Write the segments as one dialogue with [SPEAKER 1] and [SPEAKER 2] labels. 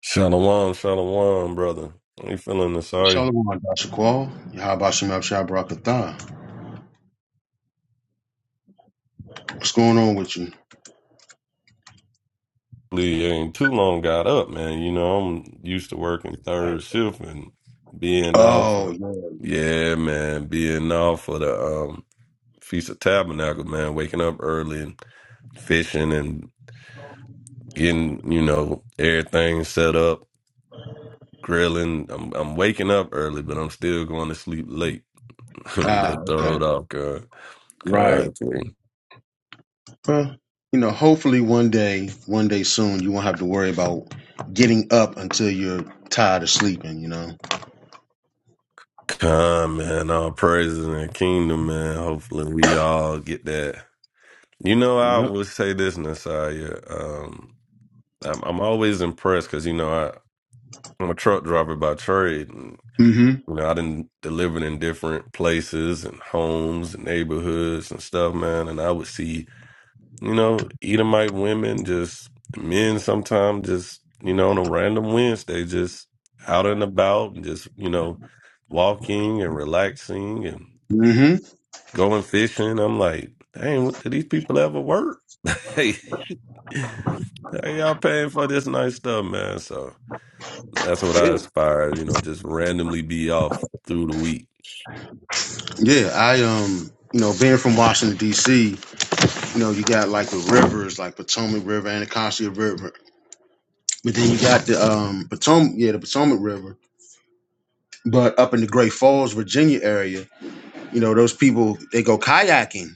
[SPEAKER 1] Shalom, shalom, brother. I ain't feeling this. Sorry,
[SPEAKER 2] Shalom, Dashaqual. Yahabashim Abshai Barakatha. What's going on with you?
[SPEAKER 1] Lee, ain't too long got up, man. You know, I'm used to working third shift and being out for,
[SPEAKER 2] Oh, yeah.
[SPEAKER 1] yeah, man, being out for the um, Feast of Tabernacle, man, waking up early and fishing and getting, you know, everything set up, grilling. I'm, I'm waking up early, but I'm still going to sleep late. I'm a
[SPEAKER 2] Ah,
[SPEAKER 1] little
[SPEAKER 2] okay.
[SPEAKER 1] throwed off, God.
[SPEAKER 2] Right.
[SPEAKER 1] God. yeah.
[SPEAKER 2] Well, you know, hopefully one day, one day soon, you won't have to worry about getting up until you're tired of sleeping, you know?
[SPEAKER 1] Come, man. All praises in the kingdom, man. Hopefully, we all get that. You know, I
[SPEAKER 2] Yep.
[SPEAKER 1] would say this, Nasiah. Um, I'm, I'm always impressed because, you know, I, I'm a truck driver by trade. And,
[SPEAKER 2] Mm-hmm.
[SPEAKER 1] you know, I didn't delivered in different places and homes and neighborhoods and stuff, man. And I would see, you know, Edomite women, just men sometimes, just, you know, on a random Wednesday, just out and about and just, you know, walking and relaxing and
[SPEAKER 2] Mm-hmm.
[SPEAKER 1] going fishing. I'm like, dang, what- do these people ever work? Hey, hey, y'all paying for this nice stuff, man. So that's what I
[SPEAKER 2] Yeah.
[SPEAKER 1] aspire, you know, just randomly be off through the week.
[SPEAKER 2] Yeah, I, um, you know, being from Washington, D.C., you know, you got like the rivers, like Potomac River, Anacostia River. But then you got the um Potomac, yeah, the Potomac River. But up in the Great Falls, Virginia area, You know, those people they go kayaking,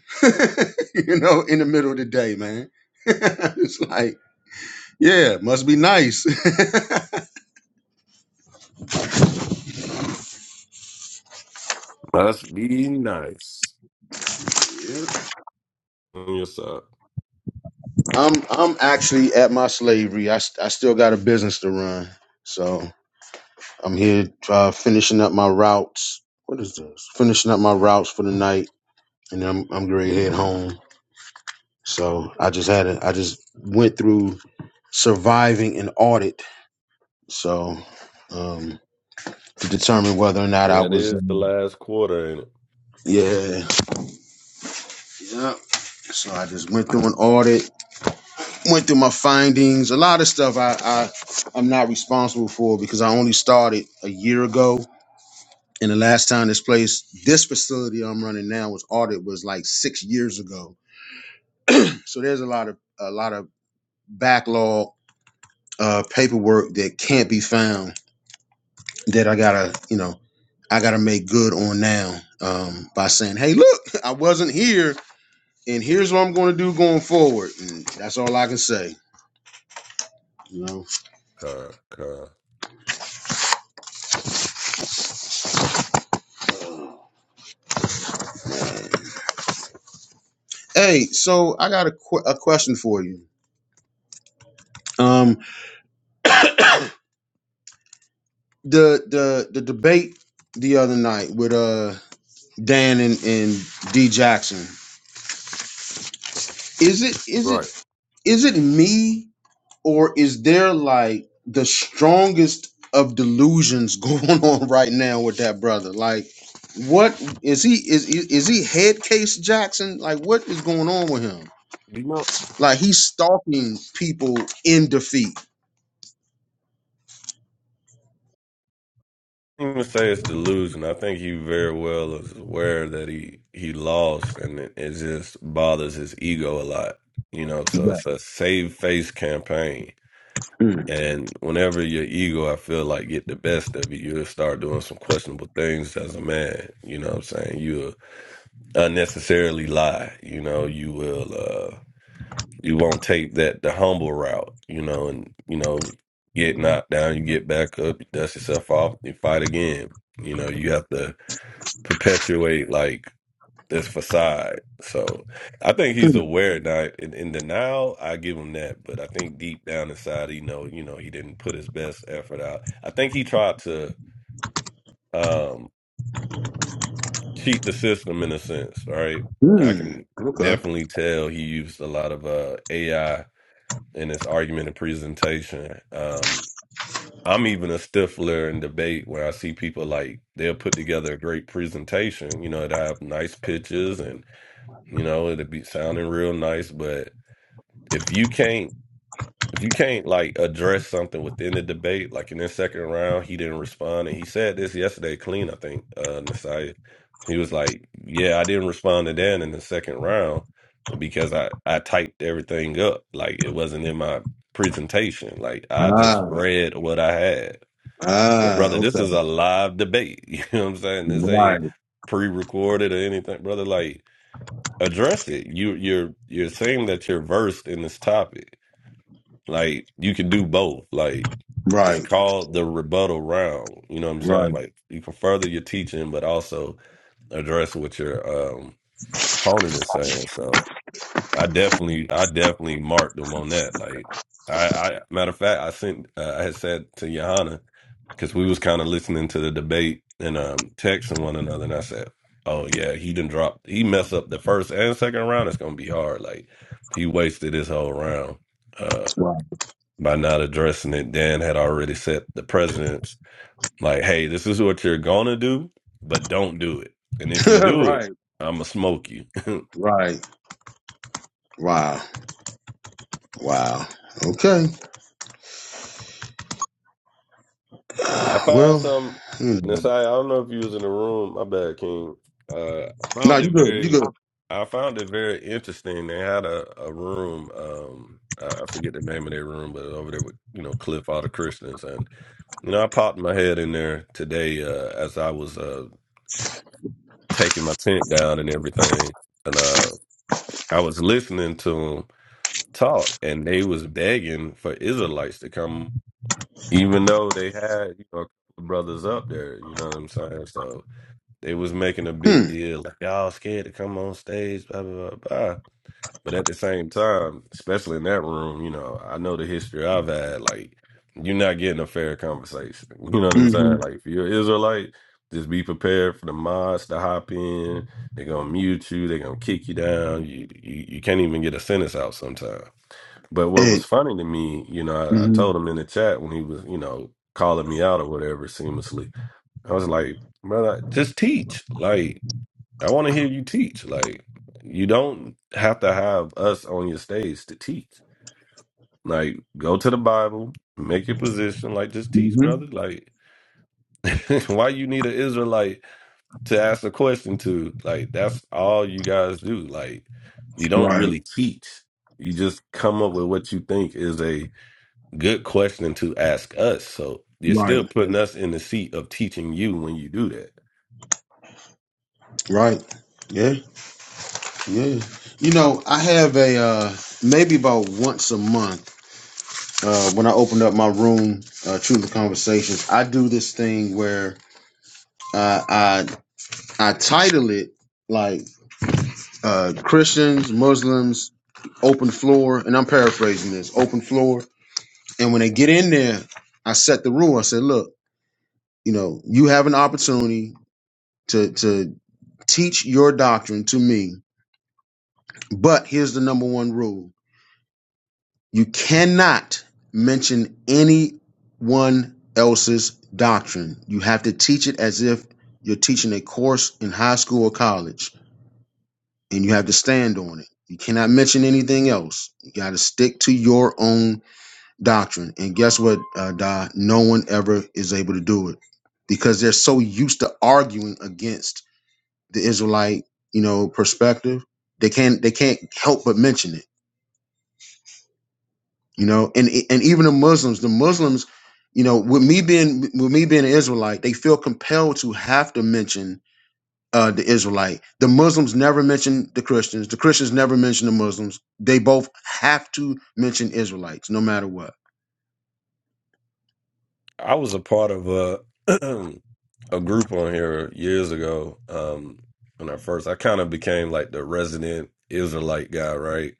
[SPEAKER 2] you know, in the middle of the day, man. it's like, yeah, must be nice.
[SPEAKER 1] Must be nice. On your side.
[SPEAKER 2] I'm I'm actually at my slavery. I st- I still got a business to run, so I'm here uh, finishing up my routes. What is this? Finishing up my routes for the night, and then I'm I'm gonna head home. So I just had a, I just went through surviving an audit, so um, to determine whether or not I
[SPEAKER 1] Yeah, it
[SPEAKER 2] was.
[SPEAKER 1] is the
[SPEAKER 2] um,
[SPEAKER 1] last quarter, ain't it?
[SPEAKER 2] Yeah, yeah. So I just went through an audit, went through my findings. A lot of stuff I, I I'm not responsible for because I only started a year ago. And the last time this place, this facility I'm running now was audit was like six years ago. So there's a lot of a lot of backlog uh, paperwork that can't be found that I gotta you know I gotta make good on now um, by saying, hey, look, I wasn't here, and here's what I'm gonna do going forward. And that's all I can say. You know.
[SPEAKER 1] Con, con.
[SPEAKER 2] Hey, so I got a qu- a question for you. Um, the the the debate the other night with uh Dan and and D Jackson. Is it is
[SPEAKER 1] Right.
[SPEAKER 2] it is it me or is there like the strongest of delusions going on right now with that brother? Like, what is he is is is he head case Jackson? Like, what is going on with him?
[SPEAKER 1] You know,
[SPEAKER 2] Like, he's stalking people in defeat.
[SPEAKER 1] I don't even say it's delusion. I think he very well is aware that he he lost, and it, it just bothers his ego a lot. You know, so
[SPEAKER 2] Yeah.
[SPEAKER 1] it's a save face campaign. And whenever your ego, I feel like get the best of you, you'll start doing some questionable things as a man. You know what I'm saying? You'll unnecessarily lie. You know, you will uh you won't take that the humble route, you know, and you know, get knocked down, you get back up, you dust yourself off, you fight again. You know, you have to perpetuate like it's facade. So I think he's aware now. In, in denial, I give him that. But I think deep down inside, he know, you know, he didn't put his best effort out. I think he tried to um, cheat the system in a sense. All right, I
[SPEAKER 2] Hmm.
[SPEAKER 1] can
[SPEAKER 2] Okay.
[SPEAKER 1] definitely tell he used a lot of uh, AI in his argument and presentation. Um, I'm even a stiffler in debate where I see people like they'll put together a great presentation. You know, they have nice pictures and you know it'll be sounding real nice, but if you can't if you can't like address something within the debate, like in this second round, he didn't respond, and he said this yesterday, clean. I think uh Nasiah, he was like, "Yeah, I didn't respond to that in the second round because I I typed everything up, like it wasn't in my presentation, like I
[SPEAKER 2] Ah,
[SPEAKER 1] just read what I had." But
[SPEAKER 2] ah,
[SPEAKER 1] brother, this
[SPEAKER 2] okay.
[SPEAKER 1] is a live debate. You know what I'm saying? This
[SPEAKER 2] Right,
[SPEAKER 1] ain't pre-recorded or anything, brother. Like address it. You you're you're saying that you're versed in this topic like you can do both. Like it's
[SPEAKER 2] right,
[SPEAKER 1] called the rebuttal round. You know what I'm saying? Like you can further your teaching, but also address what your um opponent is saying. So I definitely, I definitely marked them on that. Like I, I matter of fact, I sent, uh, I had said to Johanna because we was kind of listening to the debate and um texting one another, and I said, "Oh yeah, he didn't drop. He messed up the first and second round. It's gonna be hard. Like he wasted his whole round." uh,
[SPEAKER 2] right,
[SPEAKER 1] by not addressing it, Dan had already set the precedence like, hey, this is what you're gonna do, but don't do it. And if you do it,
[SPEAKER 2] right,
[SPEAKER 1] I'ma smoke you.
[SPEAKER 2] right. Wow, wow. Okay.
[SPEAKER 1] I
[SPEAKER 2] Uh,
[SPEAKER 1] find
[SPEAKER 2] well,
[SPEAKER 1] some
[SPEAKER 2] hmm.
[SPEAKER 1] Nasai, I don't know if you was in the room, my bad King. Uh I
[SPEAKER 2] no,
[SPEAKER 1] found
[SPEAKER 2] you
[SPEAKER 1] it
[SPEAKER 2] good. You
[SPEAKER 1] very
[SPEAKER 2] good.
[SPEAKER 1] I found it very interesting. They had a, a room, um I I forget the name of their room, but over there with you know Cliff, all the Christians, and you know I popped my head in there today uh, as I was uh, taking my tent down and everything, and uh. I was listening to them talk, and they was begging for Israelites to come, even though they had you know a couple of brothers up there. You know what I'm saying? So they was making a big
[SPEAKER 2] Hmm.
[SPEAKER 1] deal, like y'all scared to come on stage, blah blah blah. But at the same time, especially in that room, you know, I know the history I've had. Like, you're not getting a fair conversation. You know what I'm
[SPEAKER 2] Mm-hmm.
[SPEAKER 1] saying? Like, if you're an Israelite, just be prepared for the mods to hop in. They're gonna mute you. They're gonna kick you down. You you, you can't even get a sentence out sometimes. But what
[SPEAKER 2] Hey.
[SPEAKER 1] was funny to me, you know, I, I
[SPEAKER 2] Mm-hmm.
[SPEAKER 1] told him in the chat when he was, you know, calling me out or whatever, seamlessly. I was like, brother, just teach. Like, I want to hear you teach. Like, you don't have to have us on your stage to teach. Like, go to the Bible, make your position. Like, just teach,
[SPEAKER 2] Mm-hmm.
[SPEAKER 1] brother. Like, why you need an Israelite to ask a question to? Like, that's all you guys do. Like, you don't
[SPEAKER 2] Right,
[SPEAKER 1] really teach. You just come up with what you think is a good question to ask us. So you're still
[SPEAKER 2] right,
[SPEAKER 1] putting us in the seat of teaching you when you do that.
[SPEAKER 2] right. Yeah, yeah. You know, I have a uh, maybe about once a month. Uh, when I opened up my room, uh, Truth and Conversations, I do this thing where uh, I I title it like uh, Christians, Muslims, open floor, and I'm paraphrasing this, open floor. And when they get in there, I set the rule. I said, look, you know, you have an opportunity to to teach your doctrine to me, but here's the number one rule: you cannot mention anyone else's doctrine. You have to teach it as if you're teaching a course in high school or college and you have to stand on it. You cannot mention anything else. You got to stick to your own doctrine. And guess what, uh, Da? No one ever is able to do it because they're so used to arguing against the Israelite, you know, perspective. They can't. They can't help but mention it. You know, and and even the Muslims, the Muslims, you know, with me being with me being an Israelite, they feel compelled to have to mention uh, the Israelite. The Muslims never mention the Christians. The Christians never mention the Muslims. They both have to mention Israelites, no matter what.
[SPEAKER 1] I was a part of a a group on here years ago. Um, when I first, I kind of became like the resident Israelite guy, right?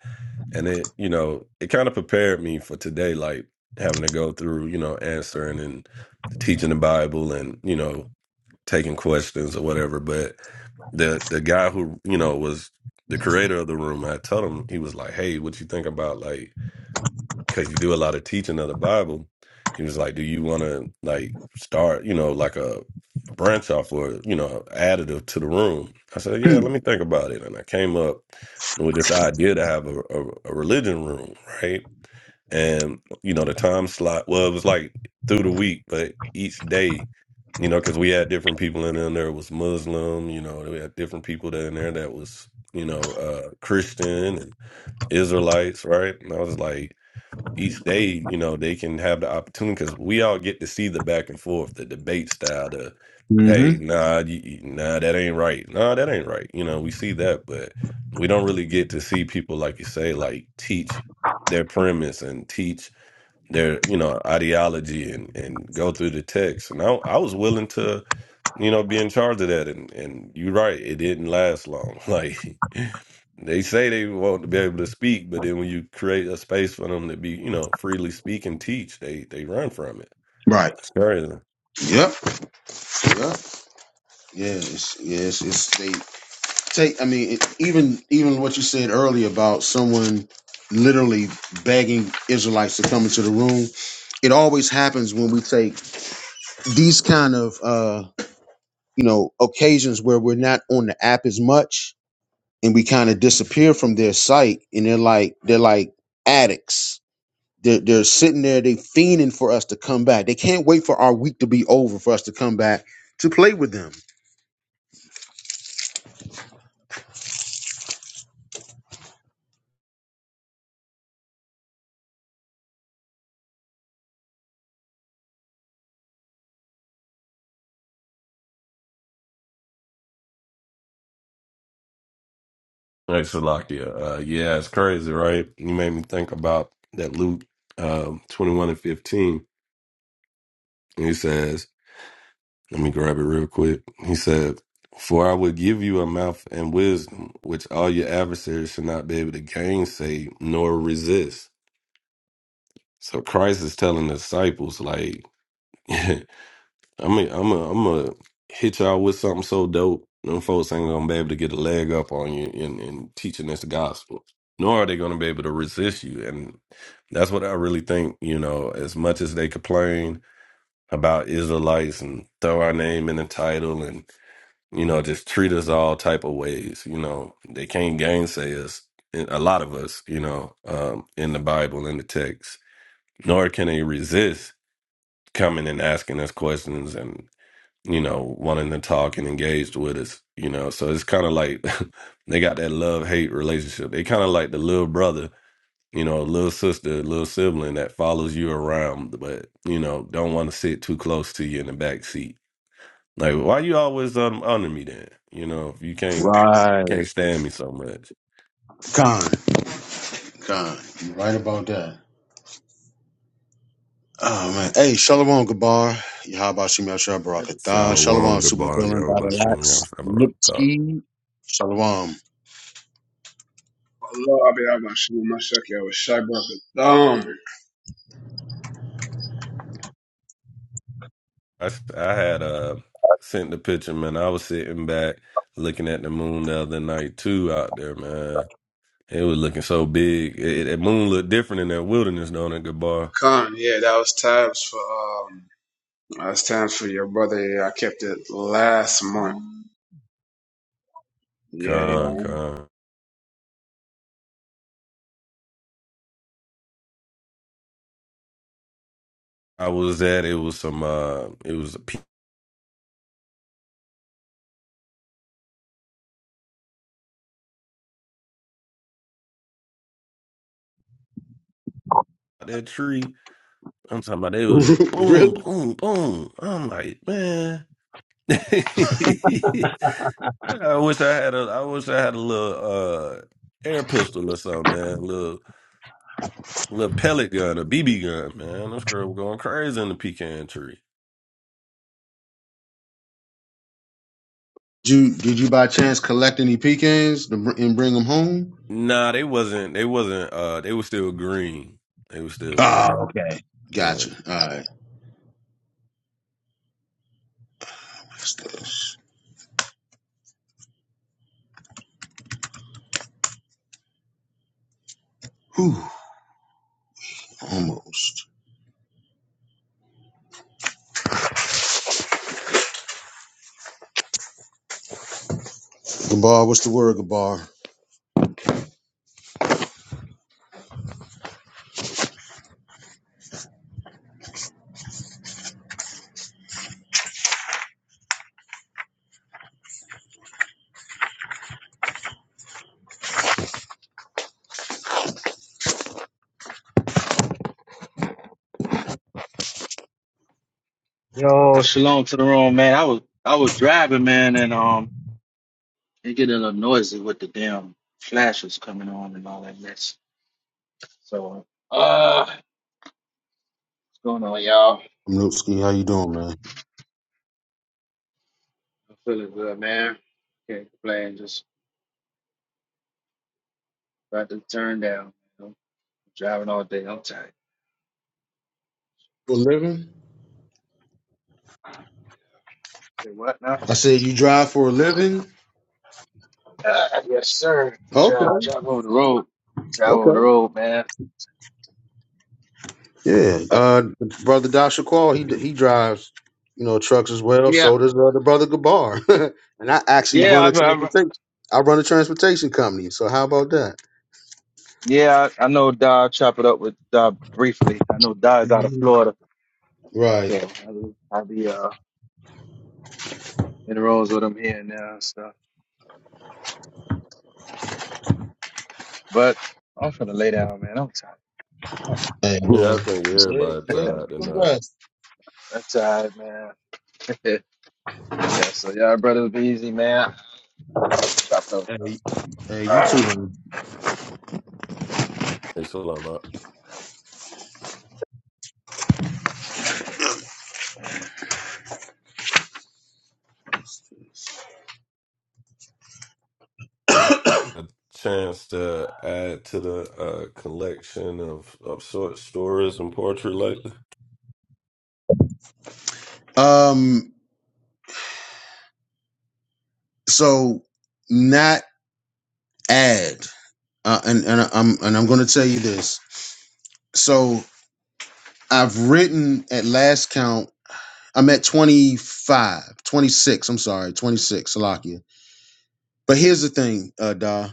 [SPEAKER 1] And it, you know, it kind of prepared me for today, like having to go through, you know, answering and teaching the Bible and you know taking questions or whatever. But the the guy who you know was the creator of the room, I told him he was like, "Hey, what you think about like?" because you do a lot of teaching of the Bible. He was like, "Do you want to like start, you know, like a branch off or you know, additive to the room?" I said, "Yeah, let me think about it." And I came up with this idea to have a, a, a religion room, right? And you know, the time slot well, it was like through the week, but each day, you know, because we had different people in there. There was Muslim, you know, we had different people that in there that was you know uh Christian and Israelites, right? And I was like each day, you know, they can have the opportunity because we all get to see the back and forth, the debate style, the hey, nah, you, you- nah, that ain't right, nah, that ain't right. You know, we see that, but we don't really get to see people like you say, like teach their premise and teach their you know ideology and and go through the text. And I, I was willing to you know be in charge of that, and and you're right, it didn't last long. Like they say they want to be able to speak, but then when you create a space for them to be, you know, freely speak and teach, they they run from it.
[SPEAKER 2] Right.
[SPEAKER 1] It's crazy.
[SPEAKER 2] Yep. Yep. Yes. Yes. It's they take. I mean, it, even even what you said earlier about someone literally begging Israelites to come into the room. It always happens when we take these kind of uh, you know occasions where we're not on the app as much and we kind of disappear from their sight and they're like they're like addicts they're, they're sitting there they fiending for us to come back they can't wait for our week to be over for us to come back to play with them
[SPEAKER 1] Like Salakia. Uh yeah, it's crazy, right? You made me think about that Luke um twenty one and fifteen. he says, Let me grab it real quick. He said, For I will give you a mouth and wisdom, which all your adversaries should not be able to gainsay nor resist. So Christ is telling the disciples, like I'm i am i am i am i hit y'all with something so dope. Them folks ain't gonna be able to get a leg up on you in, in teaching this gospel. Nor are they gonna be able to resist you. And that's what I really think, you know, as much as they complain about Israelites and throw our name in the title and, you know, just treat us all type of ways, you know, they can't gainsay us, and a lot of us, you know, um, in the Bible, in the text. Nor can they resist coming and asking us questions and you know, wanting to talk and engaged with us, you know. So it's kind of like they got that love hate relationship. They kind of like the little brother, you know, little sister, little sibling that follows you around, but you know, don't want to sit too close to you in the back seat. Like, why you always um, under me then? You know, if you can't you
[SPEAKER 2] Right.
[SPEAKER 1] can't stand me so much.
[SPEAKER 2] Con, con, you right about that. Oh man, hey, Shalom Gabar, Yahaba Shimei Shah Barakatah, Shalom
[SPEAKER 1] Shalom, goodbye,
[SPEAKER 2] Supervillain,
[SPEAKER 1] yo, by Shem
[SPEAKER 2] Battleaxe,
[SPEAKER 1] Yahweh, Shalom,
[SPEAKER 2] Nipsey, Shalom.
[SPEAKER 3] Lord, I be out my shoe, my shuck, yeah, with Shy Brother um,
[SPEAKER 1] I s- I had uh sent the picture, man. I was sitting back looking at the moon the other night too out there, man. It was looking so big. It, that moon looked different in that wilderness down at good bar.
[SPEAKER 3] Con, yeah, that was times for, um, that was times for your brother. Yeah, I kept it last month. Yeah, yeah.
[SPEAKER 1] Con, con. I was at it was some uh it was a pe- that tree. I'm talking about it was just boom,
[SPEAKER 2] really?
[SPEAKER 1] boom, boom. I'm like, man. I wish I had a I wish I had a little uh air pistol or something, man. A little little pellet gun, a BB gun, man. Those girls were going crazy in the pecan tree.
[SPEAKER 2] Did you, did you by chance collect any pecans to br- and bring them home?
[SPEAKER 1] Nah, they wasn't they wasn't uh they were still green. They were still green.
[SPEAKER 2] Oh,
[SPEAKER 1] Yeah.
[SPEAKER 2] gotcha. All right. stuff. Whew, almost. Gabar, what's the word, Gabar?
[SPEAKER 4] Yo, shalom to the room, man. I was I was driving, man, and um, it get a little noisy with the damn flashes coming on and all that mess. So, uh, what's going on, y'all?
[SPEAKER 2] I'm Nupski. How you doing, man?
[SPEAKER 4] I'm feeling good, man. Can't complain. Just about to turn down. You know? Driving all day. I'm tired.
[SPEAKER 2] For a living?
[SPEAKER 4] Say what now?
[SPEAKER 2] I said you drive for a living.
[SPEAKER 4] Uh, yes, sir. Drive,
[SPEAKER 2] Okay,
[SPEAKER 4] drive over the road. Drive over the
[SPEAKER 2] okay.
[SPEAKER 4] road, man.
[SPEAKER 2] Yeah, uh, brother Dasha Qual, he he drives, you know, trucks as well.
[SPEAKER 4] yeah,
[SPEAKER 2] So does uh, the brother Gabar, and I actually
[SPEAKER 4] yeah,
[SPEAKER 2] run
[SPEAKER 4] I,
[SPEAKER 2] a
[SPEAKER 4] I,
[SPEAKER 2] transportation. I run a transportation company. So how about that?
[SPEAKER 4] yeah. I I know. Dodd chop it up with Dodd briefly. I know Da is out of
[SPEAKER 2] Mhm.
[SPEAKER 4] Florida. So
[SPEAKER 2] Right.
[SPEAKER 4] I'll be, I'll be uh, in the rooms with them here and there and stuff. But I'm finna lay down, man. I'm tired. I'm
[SPEAKER 2] Hey,
[SPEAKER 1] Yeah,
[SPEAKER 2] well,
[SPEAKER 1] I think
[SPEAKER 2] where
[SPEAKER 1] everybody
[SPEAKER 2] where you
[SPEAKER 4] tired,
[SPEAKER 1] tired
[SPEAKER 2] from?
[SPEAKER 1] tonight.
[SPEAKER 2] rest?
[SPEAKER 4] I'm tired, man. yeah, so y'all brothers be easy, man. Chop it up.
[SPEAKER 2] Hey, hey,
[SPEAKER 4] All
[SPEAKER 2] you too.
[SPEAKER 4] right.
[SPEAKER 2] man.
[SPEAKER 1] It's a lot of a chance to add to the uh, collection of, of short stories and poetry lately.
[SPEAKER 2] Um, so not add uh, and and I'm and I'm going to tell you this. So I've written at last count I'm at twenty I'm sorry, 26 Salakia. But here's the thing, uh Da.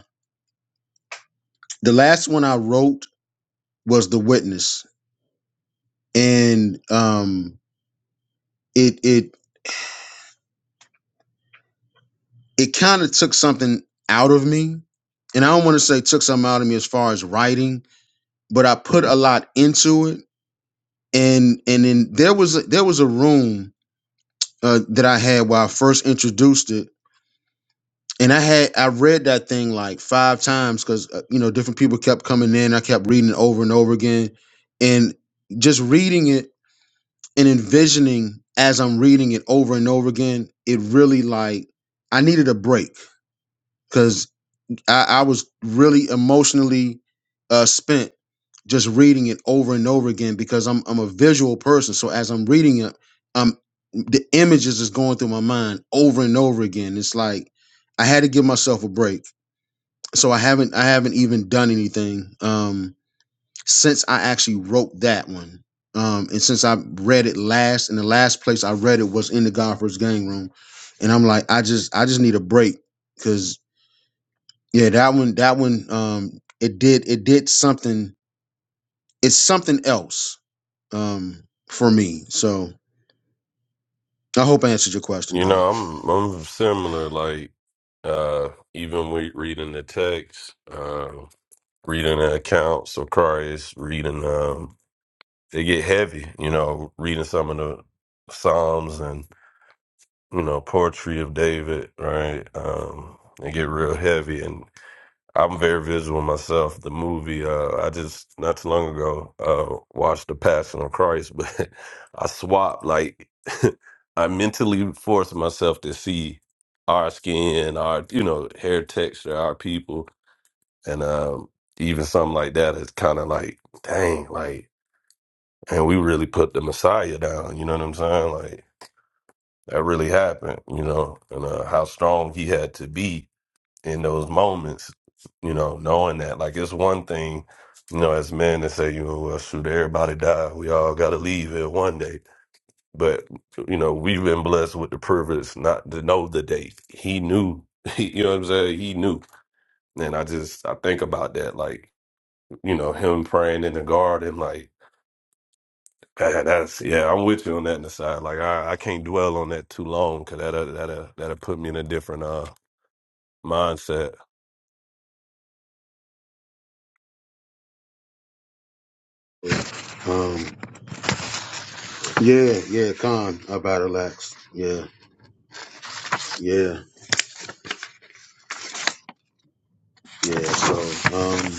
[SPEAKER 2] The last one I wrote was The Witness and um it it it kind of took something out of me. And I don't want to say took something out of me as far as writing, but I put a lot into it and and then there was a, there was a room uh, that I had where I first introduced it, and I had I read that thing like five times because uh, you know different people kept coming in. I kept reading it over and over again, and just reading it and envisioning as I'm reading it over and over again, it really like I needed a break because. I, I was really emotionally uh, spent just reading it over and over again because I'm I'm a visual person. So as I'm reading it, um, the images is going through my mind over and over again. It's like I had to give myself a break. So I haven't I haven't even done anything um since I actually wrote that one. Um, and since I read it last, and the last place I read it was in the Godfrey's gang room, and I'm like, I just I just need a break because yeah, that one that one um it did it did something it's something else um for me. So I hope I answered your question,
[SPEAKER 1] You
[SPEAKER 2] Doc.
[SPEAKER 1] know, I'm I'm similar. Like uh, even we reading the text, uh, reading the accounts of Christ, reading um, they get heavy. You know, reading some of the Psalms and you know poetry of David. Right, um, they get real heavy, and. I'm very visual myself. The movie, uh, I just not too long ago uh, watched The Passion of Christ, but I swapped like I mentally forced myself to see our skin, our you know hair texture, our people, and um, even something like that is kind of like, dang, like, and we really put the Messiah down. You know what I'm saying? Like that really happened. You know, and uh, how strong he had to be in those moments, you know, knowing that like it's one thing, you know, as men to say, you know, well, shoot, everybody die. We all got to leave here one day. But, you know, we've been blessed with the privilege not to know the date. He knew, you know what I'm saying? He knew. And I just, I think about that, like, you know, him praying in the garden, like, man, that's, yeah, I'm with you on that in the side. Like, I, I can't dwell on that too long because that'll, that'll, that'll put me in a different uh, mindset
[SPEAKER 2] Um yeah, yeah, Con about relax. Yeah, yeah, yeah. So um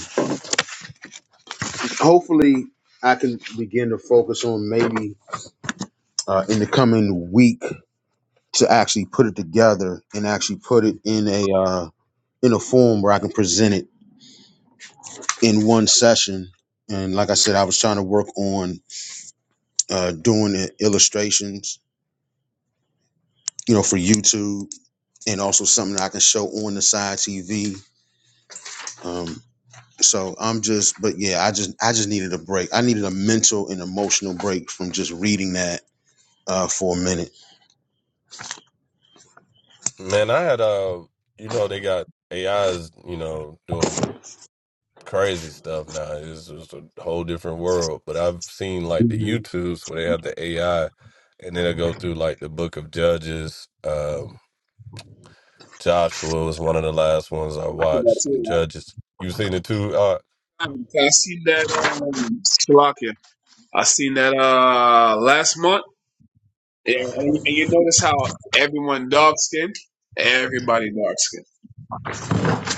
[SPEAKER 2] hopefully I can begin to focus on maybe uh in the coming week to actually put it together and actually put it in a uh in a form where I can present it in one session. And like I said, I was trying to work on uh, doing the illustrations, you know, for YouTube, and also something I can show on the side TV. Um, so I'm just, but yeah, I just, I just needed a break. I needed a mental and emotional break from just reading that uh, for a minute.
[SPEAKER 1] Man, I had uh, you know, they got AIs, you know, doing crazy stuff now. It's just a whole different world. But I've seen like the
[SPEAKER 2] Mhm.
[SPEAKER 1] YouTubes where they have the AI, and then I go through like the Book of Judges. Um, Joshua was one of the last ones I
[SPEAKER 3] I
[SPEAKER 1] watched. And Judges, you seen it too? uh,
[SPEAKER 3] I I seen that, um, Slovakia. I seen that, uh, last month. Yeah, and, and you notice how everyone dark skinned? Everybody dark skinned.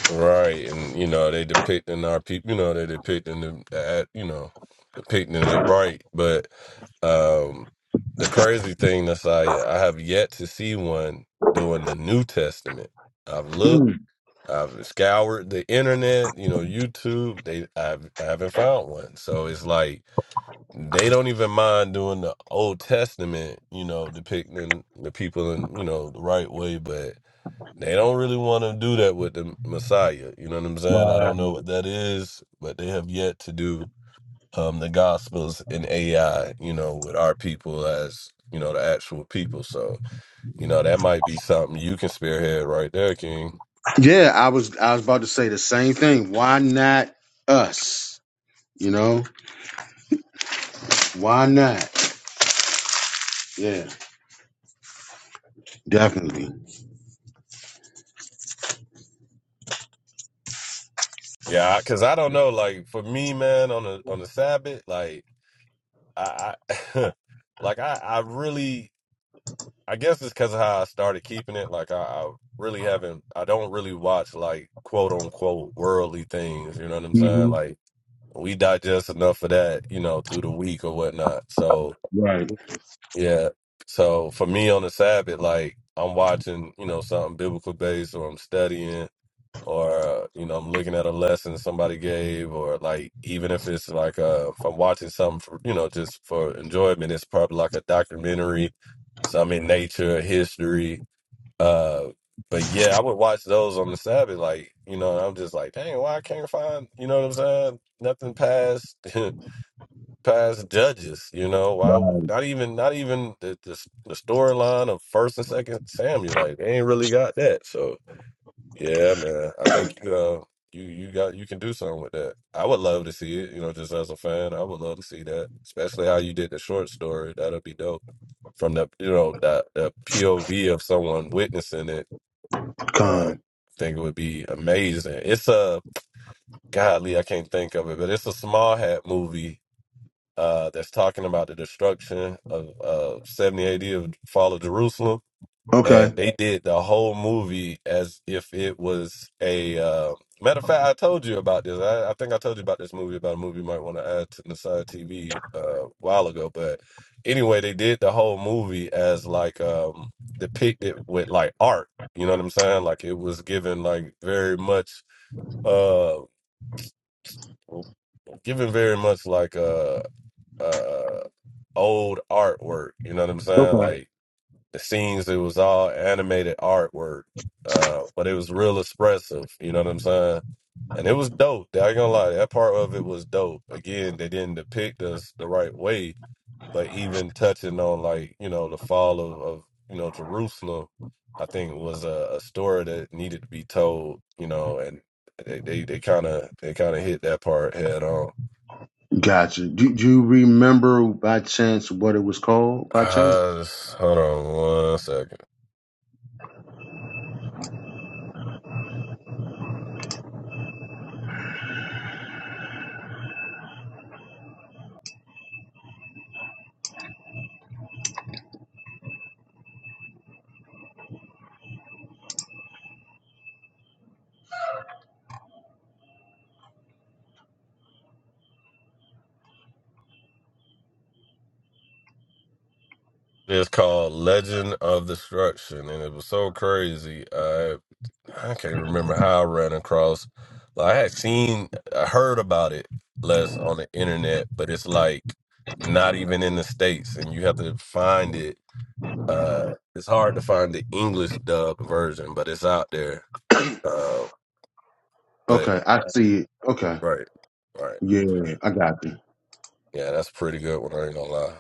[SPEAKER 1] Right, and you know they depicting our people. You know they depicting them. At, you know, depicting it right. But um the crazy thing, Nasaya, I have yet to see one doing the New Testament. I've looked. I've scoured the internet. You know, YouTube. They, I've, I haven't found one. So it's like they don't even mind doing the Old Testament. You know, depicting the people in you know the right way, but they don't really want to do that with the Messiah. You know what I'm saying? I don't know what that is, but they have yet to do um, the Gospels in AI. You know, with our people as you know the actual people. So you know that might be something you can spearhead right there, King.
[SPEAKER 2] Yeah, I was, I was about to say the same thing. Why not us? You know, why not? Yeah, definitely.
[SPEAKER 1] Yeah, because I, 'cause I don't know. Like for me, man, on the on the Sabbath, like I, I like I, I really I guess it's because of how I started keeping it. Like I, I really haven't. I don't really watch like quote unquote worldly things. You know what I'm saying?
[SPEAKER 2] hmm
[SPEAKER 1] Like we digest enough of that, you know, through the week or whatnot. So
[SPEAKER 2] Right.
[SPEAKER 1] yeah. So for me on the Sabbath, like I'm watching, you know, something biblical based, or I'm studying, or you know i'm looking at a lesson somebody gave or like even if it's like uh if i'm watching something for you know just for enjoyment it's probably like a documentary some in nature history uh but yeah i would watch those on the sabbath like you know and i'm just like dang why i can't find you know what i'm saying nothing past past judges you know why not even not even the, the, the storyline of first and second samuel like they ain't really got that so yeah, man. I think you know you you got you can do something with that. I would love to see it. You know, just as a fan, I would love to see that, especially how you did the short story. That'd be dope. From the you know that the POV of someone witnessing it, uh, I
[SPEAKER 2] Con.
[SPEAKER 1] think it would be amazing. It's a godly, I can't think of it, but it's a small hat movie. Uh, that's talking about the destruction of uh, 70 AD of fall of Jerusalem
[SPEAKER 2] Okay.
[SPEAKER 1] and they did the whole movie as if it was a uh, matter of fact. I told you about this. I, I think I told you about this movie about a movie you might want to add to Nasai TV uh, a while ago. But anyway, they did the whole movie as like um, depicted with like art. You know what I'm saying? Like it was given like very much, uh, given very much like uh, uh, old artwork. You know what I'm
[SPEAKER 2] Okay.
[SPEAKER 1] saying? Like the scenes it was all animated artwork uh but it was real expressive you know what i'm saying and it was dope i ain't gonna lie that part of it was dope again they didn't depict us the right way but even touching on like you know the fall of, of you know jerusalem i think was a, a story that needed to be told you know and they they they kind of they kind of hit that part head on
[SPEAKER 2] Gotcha. Do, do you remember by chance what it was called by chance?
[SPEAKER 1] uh, hold on one second. It's called Legend of Destruction, and it was so crazy. I I can't remember how I ran across. Like, I had seen, I heard about it less on the internet, but it's like not even in the states, and you have to find it. Uh, it's hard to find the English dub version, but it's out there. Uh, but
[SPEAKER 2] Okay, I see it. Okay.
[SPEAKER 1] right, right,
[SPEAKER 2] Yeah, I got you.
[SPEAKER 1] yeah, that's a pretty good one. I ain't gonna lie.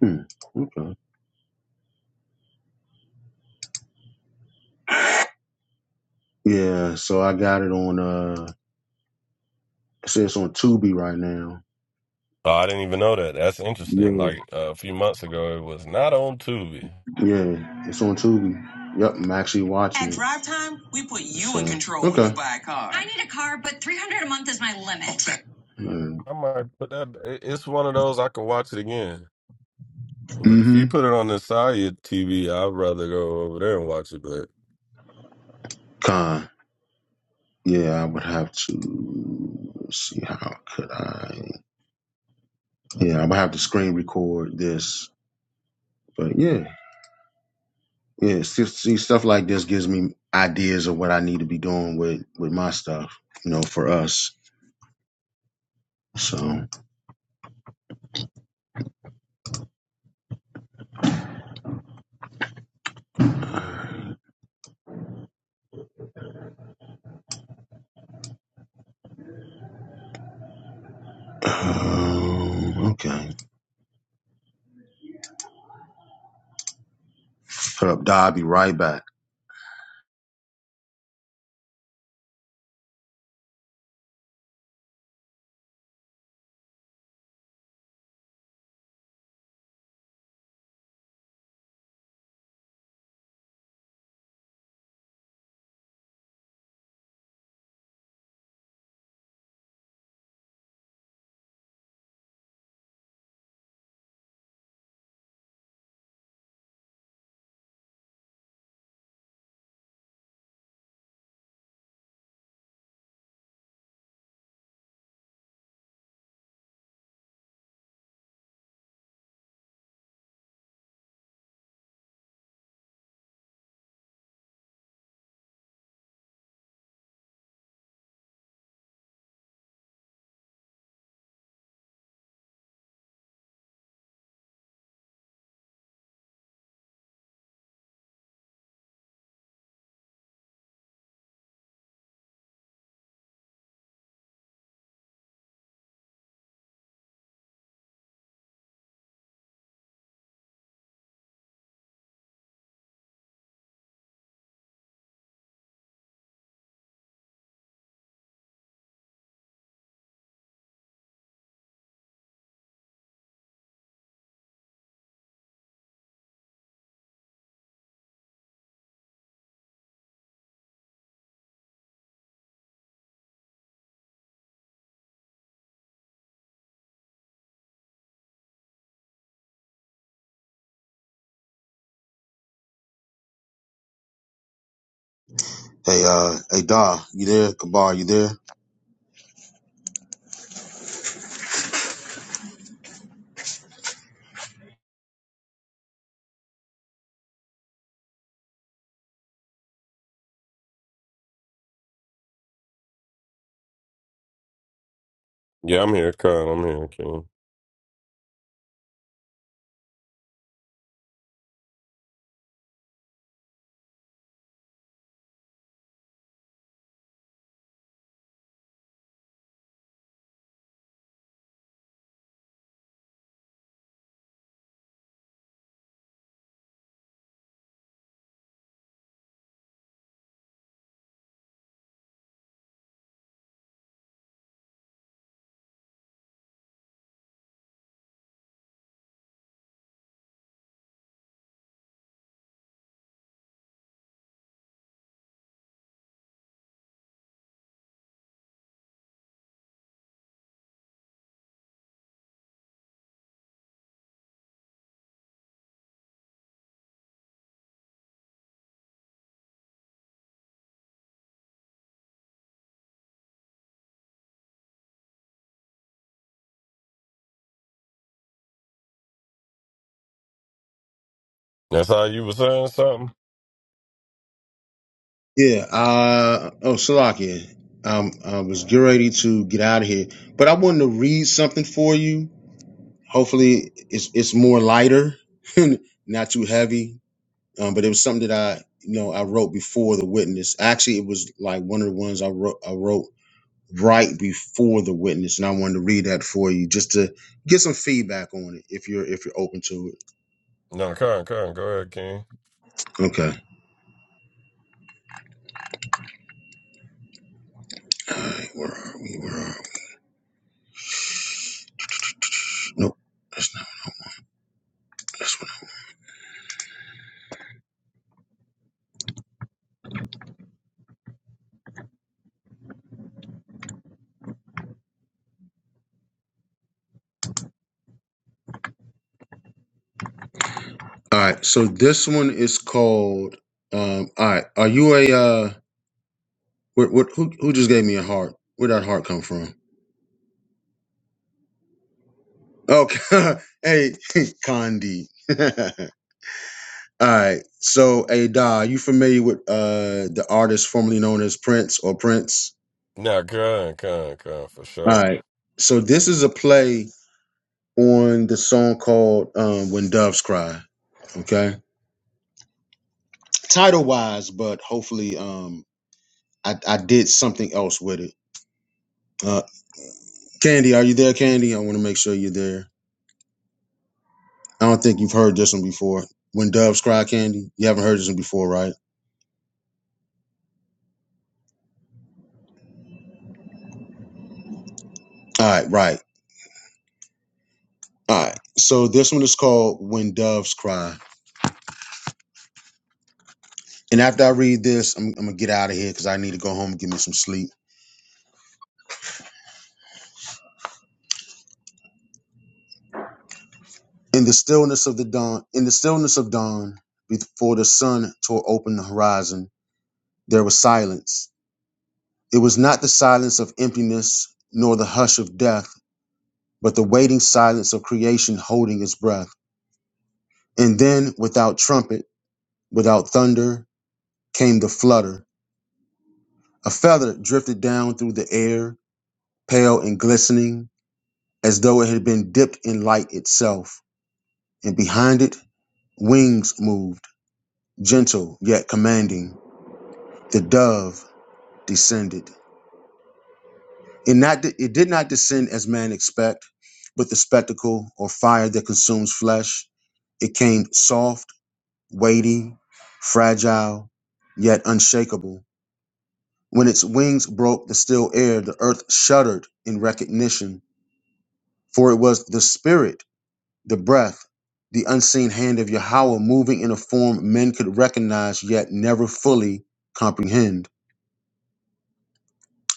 [SPEAKER 2] Hmm. Okay. Yeah, so I got it on uh it says it's on Tubi right now.
[SPEAKER 1] Oh, I didn't even know that. That's interesting.
[SPEAKER 2] Yeah,
[SPEAKER 1] Like uh, a few months ago, it was not on Tubi.
[SPEAKER 2] yeah. It's on Tubi. Yep, I'm actually watching At it. Drive Time, we put you in So, control when okay. you buy a car. I need a car, but 300 a month is my limit. Okay.
[SPEAKER 1] I might put that. it- It's one of those I can watch it again. But if
[SPEAKER 2] Mm-hmm.
[SPEAKER 1] you put it on the side of your TV, I'd rather go over there and watch it. But
[SPEAKER 2] Con. Yeah, I would have to see how could I. Yeah, I'm gonna have to screen record this. But yeah, yeah, see, see stuff like this gives me ideas of what I need to be doing with with my stuff. You know, for us. So, um, okay. Put up, Da. I'll be right back. Hey, uh, hey, Da, you there? Kabar, you there?
[SPEAKER 1] yeah, I'm here, Khan. I'm here, King. That's how you were saying something.
[SPEAKER 2] Yeah. Uh, oh, Salakia. Um, I was getting ready to get out of here, but I wanted to read something for you. Hopefully, it's it's more lighter, not too heavy. um, but it was something that I, you know, I wrote before the witness. Actually, it was like one of the ones I wrote, I wrote right before the witness, and I wanted to read that for you just to get some feedback on it if you're if you're open to it.
[SPEAKER 1] No, Khan, Khan, go ahead, King.
[SPEAKER 2] Okay. All right, where are we? Where are we? Nope, that's not this one. All right, so this one is called. Um, all right, are you a uh? What, what who who just gave me a heart? Where would that heart come from? Okay, hey, Condi. All right. So, hey, Da, you familiar with uh the artist formerly known as Prince or Prince?
[SPEAKER 1] No, Khan, Khan, Khan, for
[SPEAKER 2] All
[SPEAKER 1] sure.
[SPEAKER 2] right. So this is a play on the song called um, "When Doves Cry." Okay. Title wise, but hopefully, um, I, I did something else with it. Uh, Candy, are you there, Candy? I want to make sure you're there. I don't think you've heard this one before. When Doves Cry, Candy. You haven't heard this one before, right? All right. Right. All right. So this one is called "When Doves Cry." And after I read this, I'm, I'm gonna get out of here because I need to go home and give me some sleep. In the stillness of the dawn, in the stillness of dawn, before the sun tore open the horizon, there was silence. It was not the silence of emptiness nor the hush of death, but the waiting silence of creation holding its breath. And then, without trumpet, without thunder, came the flutter. A feather drifted down through the air, pale and glistening, as though it had been dipped in light itself. And behind it, Wings moved, gentle yet commanding. The dove descended. It not it did not descend as man expect, with the spectacle or fire that consumes flesh. It came soft, weighty, fragile, yet unshakable. When its wings broke the still air, the earth shuddered in recognition, for it was the spirit, the breath, the unseen hand of Yahweh moving in a form men could recognize yet never fully comprehend.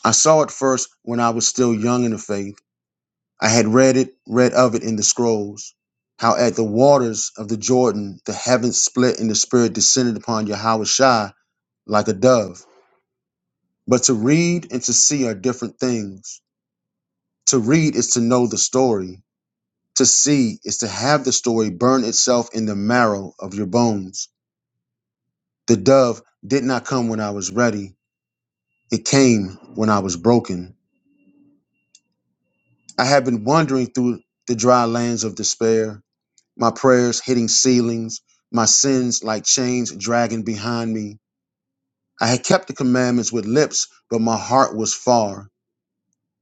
[SPEAKER 2] I saw it first when I was still young in the faith. I had read it, read of it in the scrolls, how at the waters of the Jordan the heavens split and the Spirit descended upon Yahushua like a dove. But to read and to see are different things. To read is to know the story. To see is to have the story burn itself in the marrow of your bones. The dove did not come when I was ready. It came when I was broken. I had been wandering through the dry lands of despair. my prayers hitting ceilings, my sins like chains dragging behind me. I had kept the commandments with lips, but my heart was far.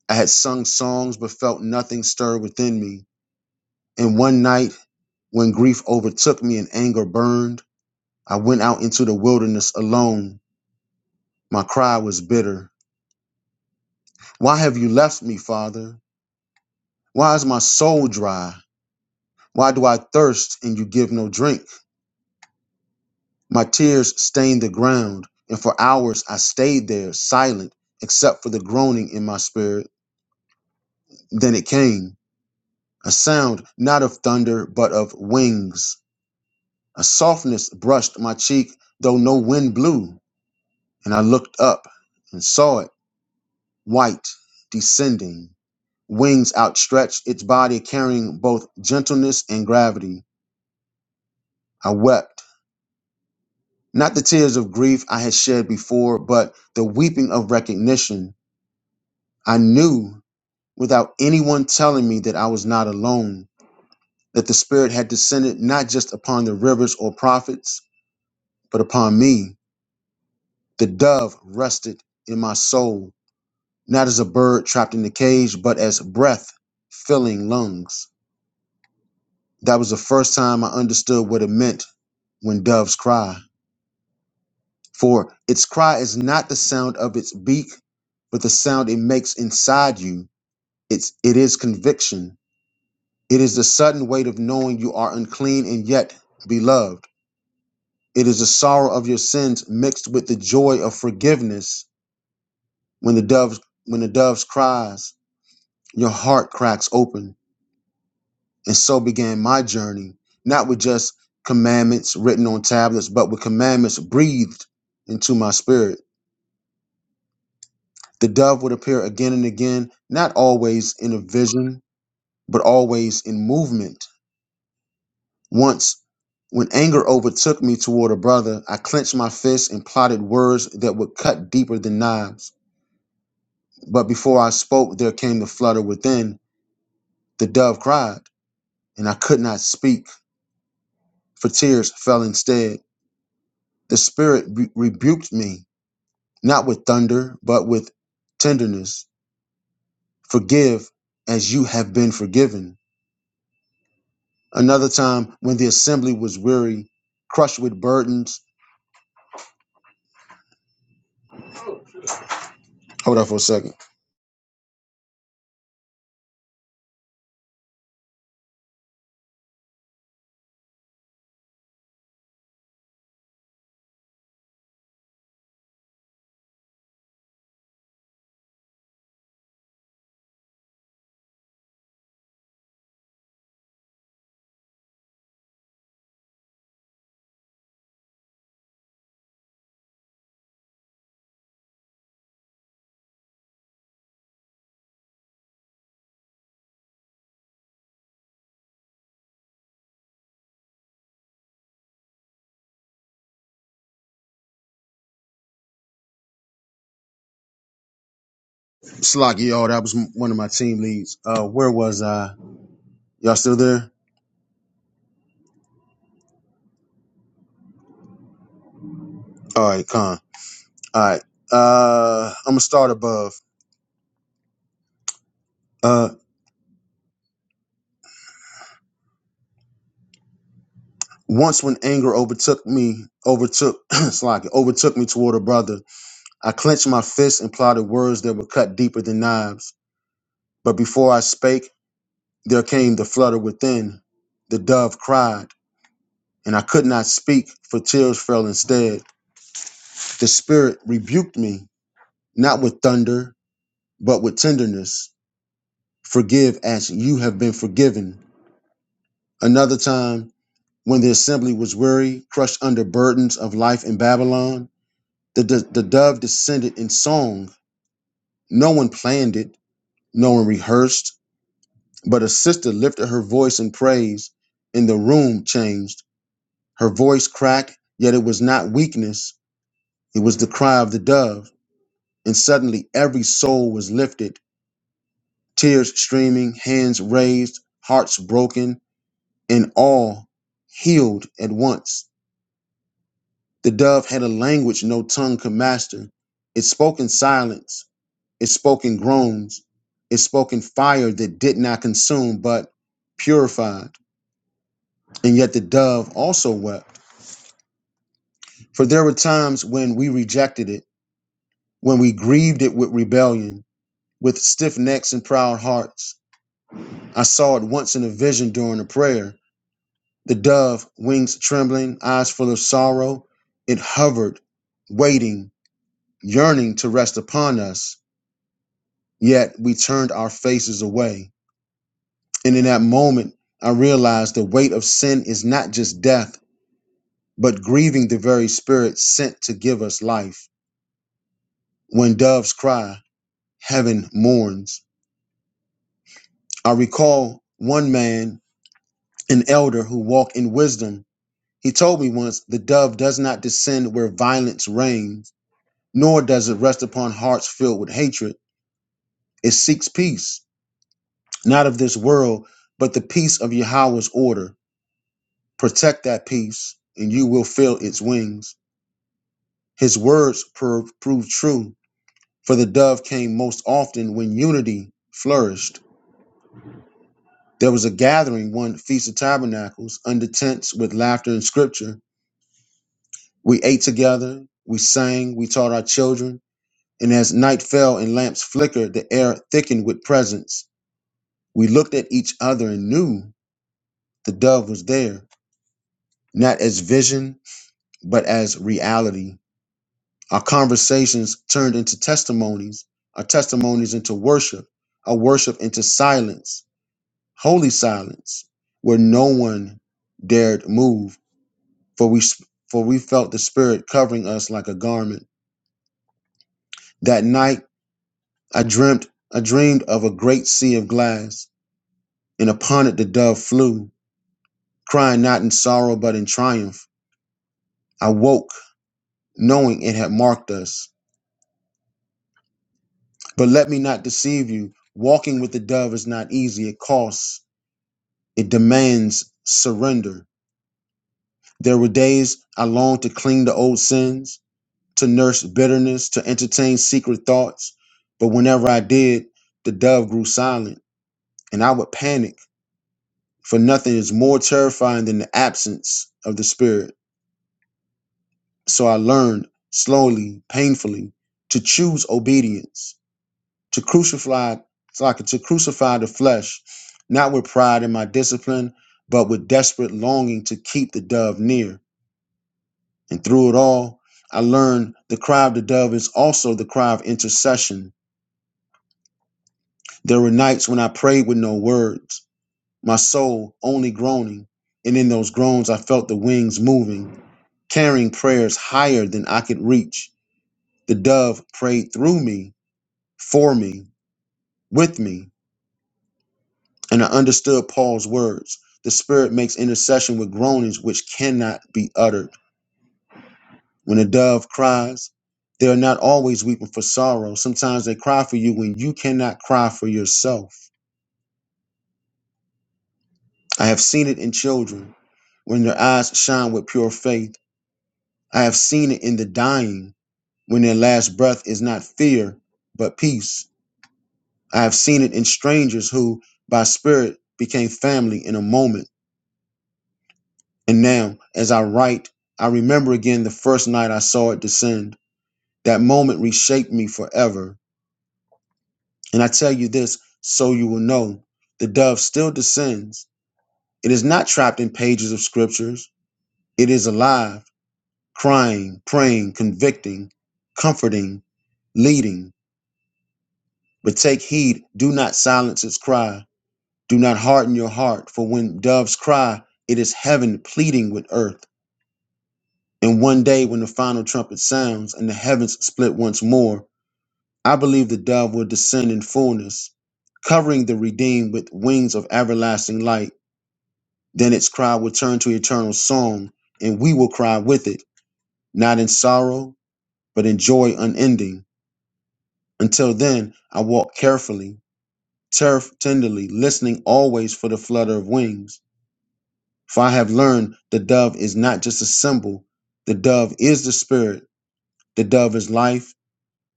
[SPEAKER 2] I had sung songs, but felt nothing stir within me. And one night, when grief overtook me and anger burned, I went out into the wilderness alone. My cry was bitter. Why have you left me, Father? Why is my soul dry? Why do I thirst and you give no drink? My tears stained the ground, and for hours I stayed there, silent, except for the groaning in my spirit. Then it came a sound not of thunder, but of wings. A softness brushed my cheek, though no wind blew, and I looked up and saw it, white, descending, wings outstretched, its body carrying both gentleness and gravity. I wept. Not the tears of grief I had shed before, but the weeping of recognition. I knew without anyone telling me that I was not alone, that the Spirit had descended not just upon the rivers or prophets, but upon me. The dove rested in my soul, not as a bird trapped in a cage, but as breath filling lungs. That was the first time I understood what it meant when doves cry. For its cry is not the sound of its beak, but the sound it makes inside you. It's it is conviction It is the sudden weight of knowing you are unclean and yet beloved. It is the sorrow of your sins mixed with the joy of forgiveness. When the dove when the dove's cries, your heart cracks open. And so began my journey, not with just commandments written on tablets, but with commandments breathed into my spirit. The dove would appear again and again, not always in a vision, but always in movement Once, when anger overtook me toward a brother, I clenched my fists and plotted words that would cut deeper than knives. But before I spoke, there came the flutter within. The dove cried, and I could not speak, for tears fell instead. The Spirit re- rebuked me, not with thunder, but with tenderness. Forgive as you have been forgiven. Another time, when the assembly was weary, crushed with burdens. Hold on for a second. Slocky, y'all, that was one of my team leads. Uh, where was I? Y'all still there? All right, con. All right. Uh, I'm gonna start above. Uh, once when anger overtook me, overtook Slocky, overtook me toward a brother, I clenched my fists and plotted words that would cut deeper than knives. But before I spake, there came the flutter within. The dove cried, and I could not speak, for tears fell instead. The spirit rebuked me, not with thunder, but with tenderness Forgive as you have been forgiven. Another time, when the assembly was weary, crushed under burdens of life in Babylon, the, the, the dove descended in song. No one planned it, no one rehearsed, but a sister lifted her voice in praise, and the room changed. Her voice cracked, yet it was not weakness, it was the cry of the dove. And suddenly every soul was lifted, tears streaming, hands raised, hearts broken and all healed at once. The dove had a language no tongue could master. It spoke in silence, it spoke in groans, it spoke in fire that did not consume but purified. And yet the dove also wept. For there were times when we rejected it, when we grieved it with rebellion, with stiff necks and proud hearts. I saw it once in a vision during a prayer. The dove, wings trembling, eyes full of sorrow, it hovered, waiting yearning to rest upon us, yet we turned our faces away. And in that moment, I realized the weight of sin is not just death, but grieving the very spirit sent to give us life. When doves cry, heaven mourns. I recall one man, an elder who walked in wisdom. He told me once the dove does not descend where violence reigns, nor does it rest upon hearts filled with hatred. It seeks peace not of this world, but the peace of Yahweh's order. Protect that peace, and you will feel its wings. His words pro- proved true, for the dove came most often when unity flourished. There was a gathering one Feast of Tabernacles under tents with laughter and scripture. We ate together, we sang, we taught our children, and as night fell and lamps flickered, the air thickened with presence. We looked at each other and knew the dove was there, not as vision but as reality. Our conversations turned into testimonies, our testimonies into worship, our worship into silence, holy silence, where no one dared move, for we for we felt the spirit covering us like a garment. That night I dreamt I dreamed of a great sea of glass, and upon it the dove flew, crying not in sorrow but in triumph. I woke knowing it had marked us But let me not deceive you. Walking with the dove is not easy. It costs, it demands surrender. There were days I longed to cling to old sins, to nurse bitterness, to entertain secret thoughts. But whenever I did, the dove grew silent and I would panic, for nothing is more terrifying than the absence of the Spirit. So I learned slowly, painfully, to choose obedience to crucify so I could to crucify the flesh, not with pride in my discipline, but with desperate longing to keep the dove near. And through it all, I learned the cry of the dove is also the cry of intercession. There were nights when I prayed with no words, my soul only groaning, and in those groans I felt the wings moving, carrying prayers higher than I could reach. The dove prayed through me, for me, with me, And I understood Paul's words. The Spirit makes intercession with groanings which cannot be uttered. When a dove cries, they are not always weeping for sorrow. Sometimes they cry for you when you cannot cry for yourself. I have seen it in children when their eyes shine with pure faith. I have seen it in the dying when their last breath is not fear, but peace. I have seen it in strangers who, by spirit, became family in a moment. And now, as I write, I remember again the first night I saw it descend. That moment reshaped me forever. And I tell you this so you will know the dove still descends. It is not trapped in pages of scriptures, it is alive, crying, praying, convicting, comforting, leading. But take heed, do not silence its cry. Do not harden your heart, for when doves cry, it is heaven pleading with earth. And one day, when the final trumpet sounds and the heavens split once more, I believe the dove will descend in fullness, covering the redeemed with wings of everlasting light. Then its cry will turn to eternal song, and we will cry with it, not in sorrow, but in joy unending. Until then, I walk carefully, turf tenderly, listening always for the flutter of wings. For I have learned the dove is not just a symbol, the dove is the spirit, the dove is life.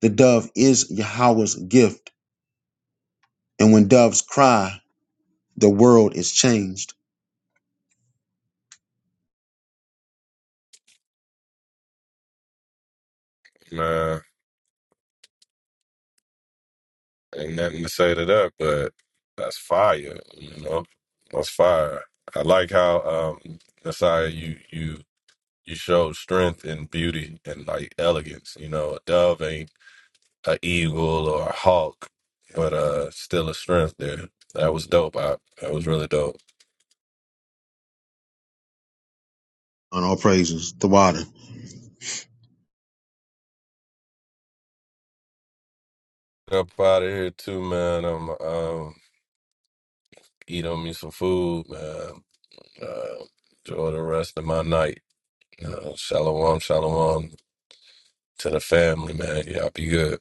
[SPEAKER 2] The dove is Yahweh's gift. And when doves cry, the world is changed.
[SPEAKER 1] Man, ain't nothing to say to that, but that's fire. You know, that's fire. I like how um, Nasai, you you you showed strength and beauty and like elegance. You know, a dove ain't a eagle or a hawk, but uh, still a strength there. That was dope. I that was really dope.
[SPEAKER 2] On all praises, the water.
[SPEAKER 1] Up out of here too, man. I'm um eat on me some food, man. Uh, enjoy the rest of my night. Uh, shalom, shalom to the family, man. Y'all be good.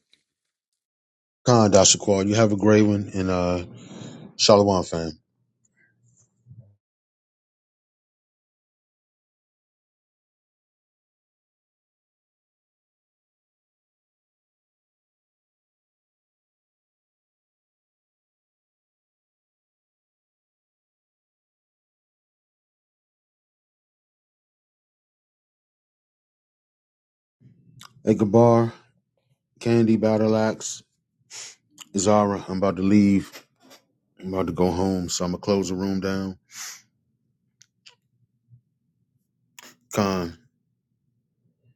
[SPEAKER 2] Khan Dashakwal, you have a great one and uh Shalom fam. Ikabar, Candy, Battle Axe, Zara, I'm about to leave. I'm about to go home, so I'm gonna close the room down. Con.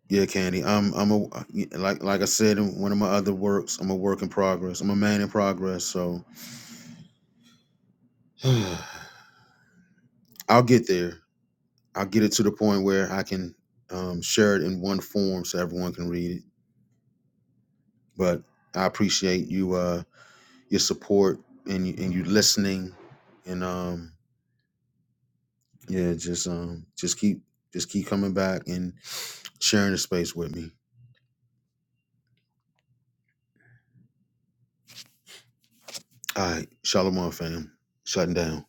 [SPEAKER 2] Yeah, Candy. I'm I'm a yeah, like like I said in one of my other works, I'm a work in progress. I'm a man in progress. So I'll get there. I'll get it to the point where I can um, share it in one form so everyone can read it. But I appreciate you uh your support and you and you listening and um yeah, just um just keep just keep coming back and sharing the space with me. All right, Shalom fam. Shutting down.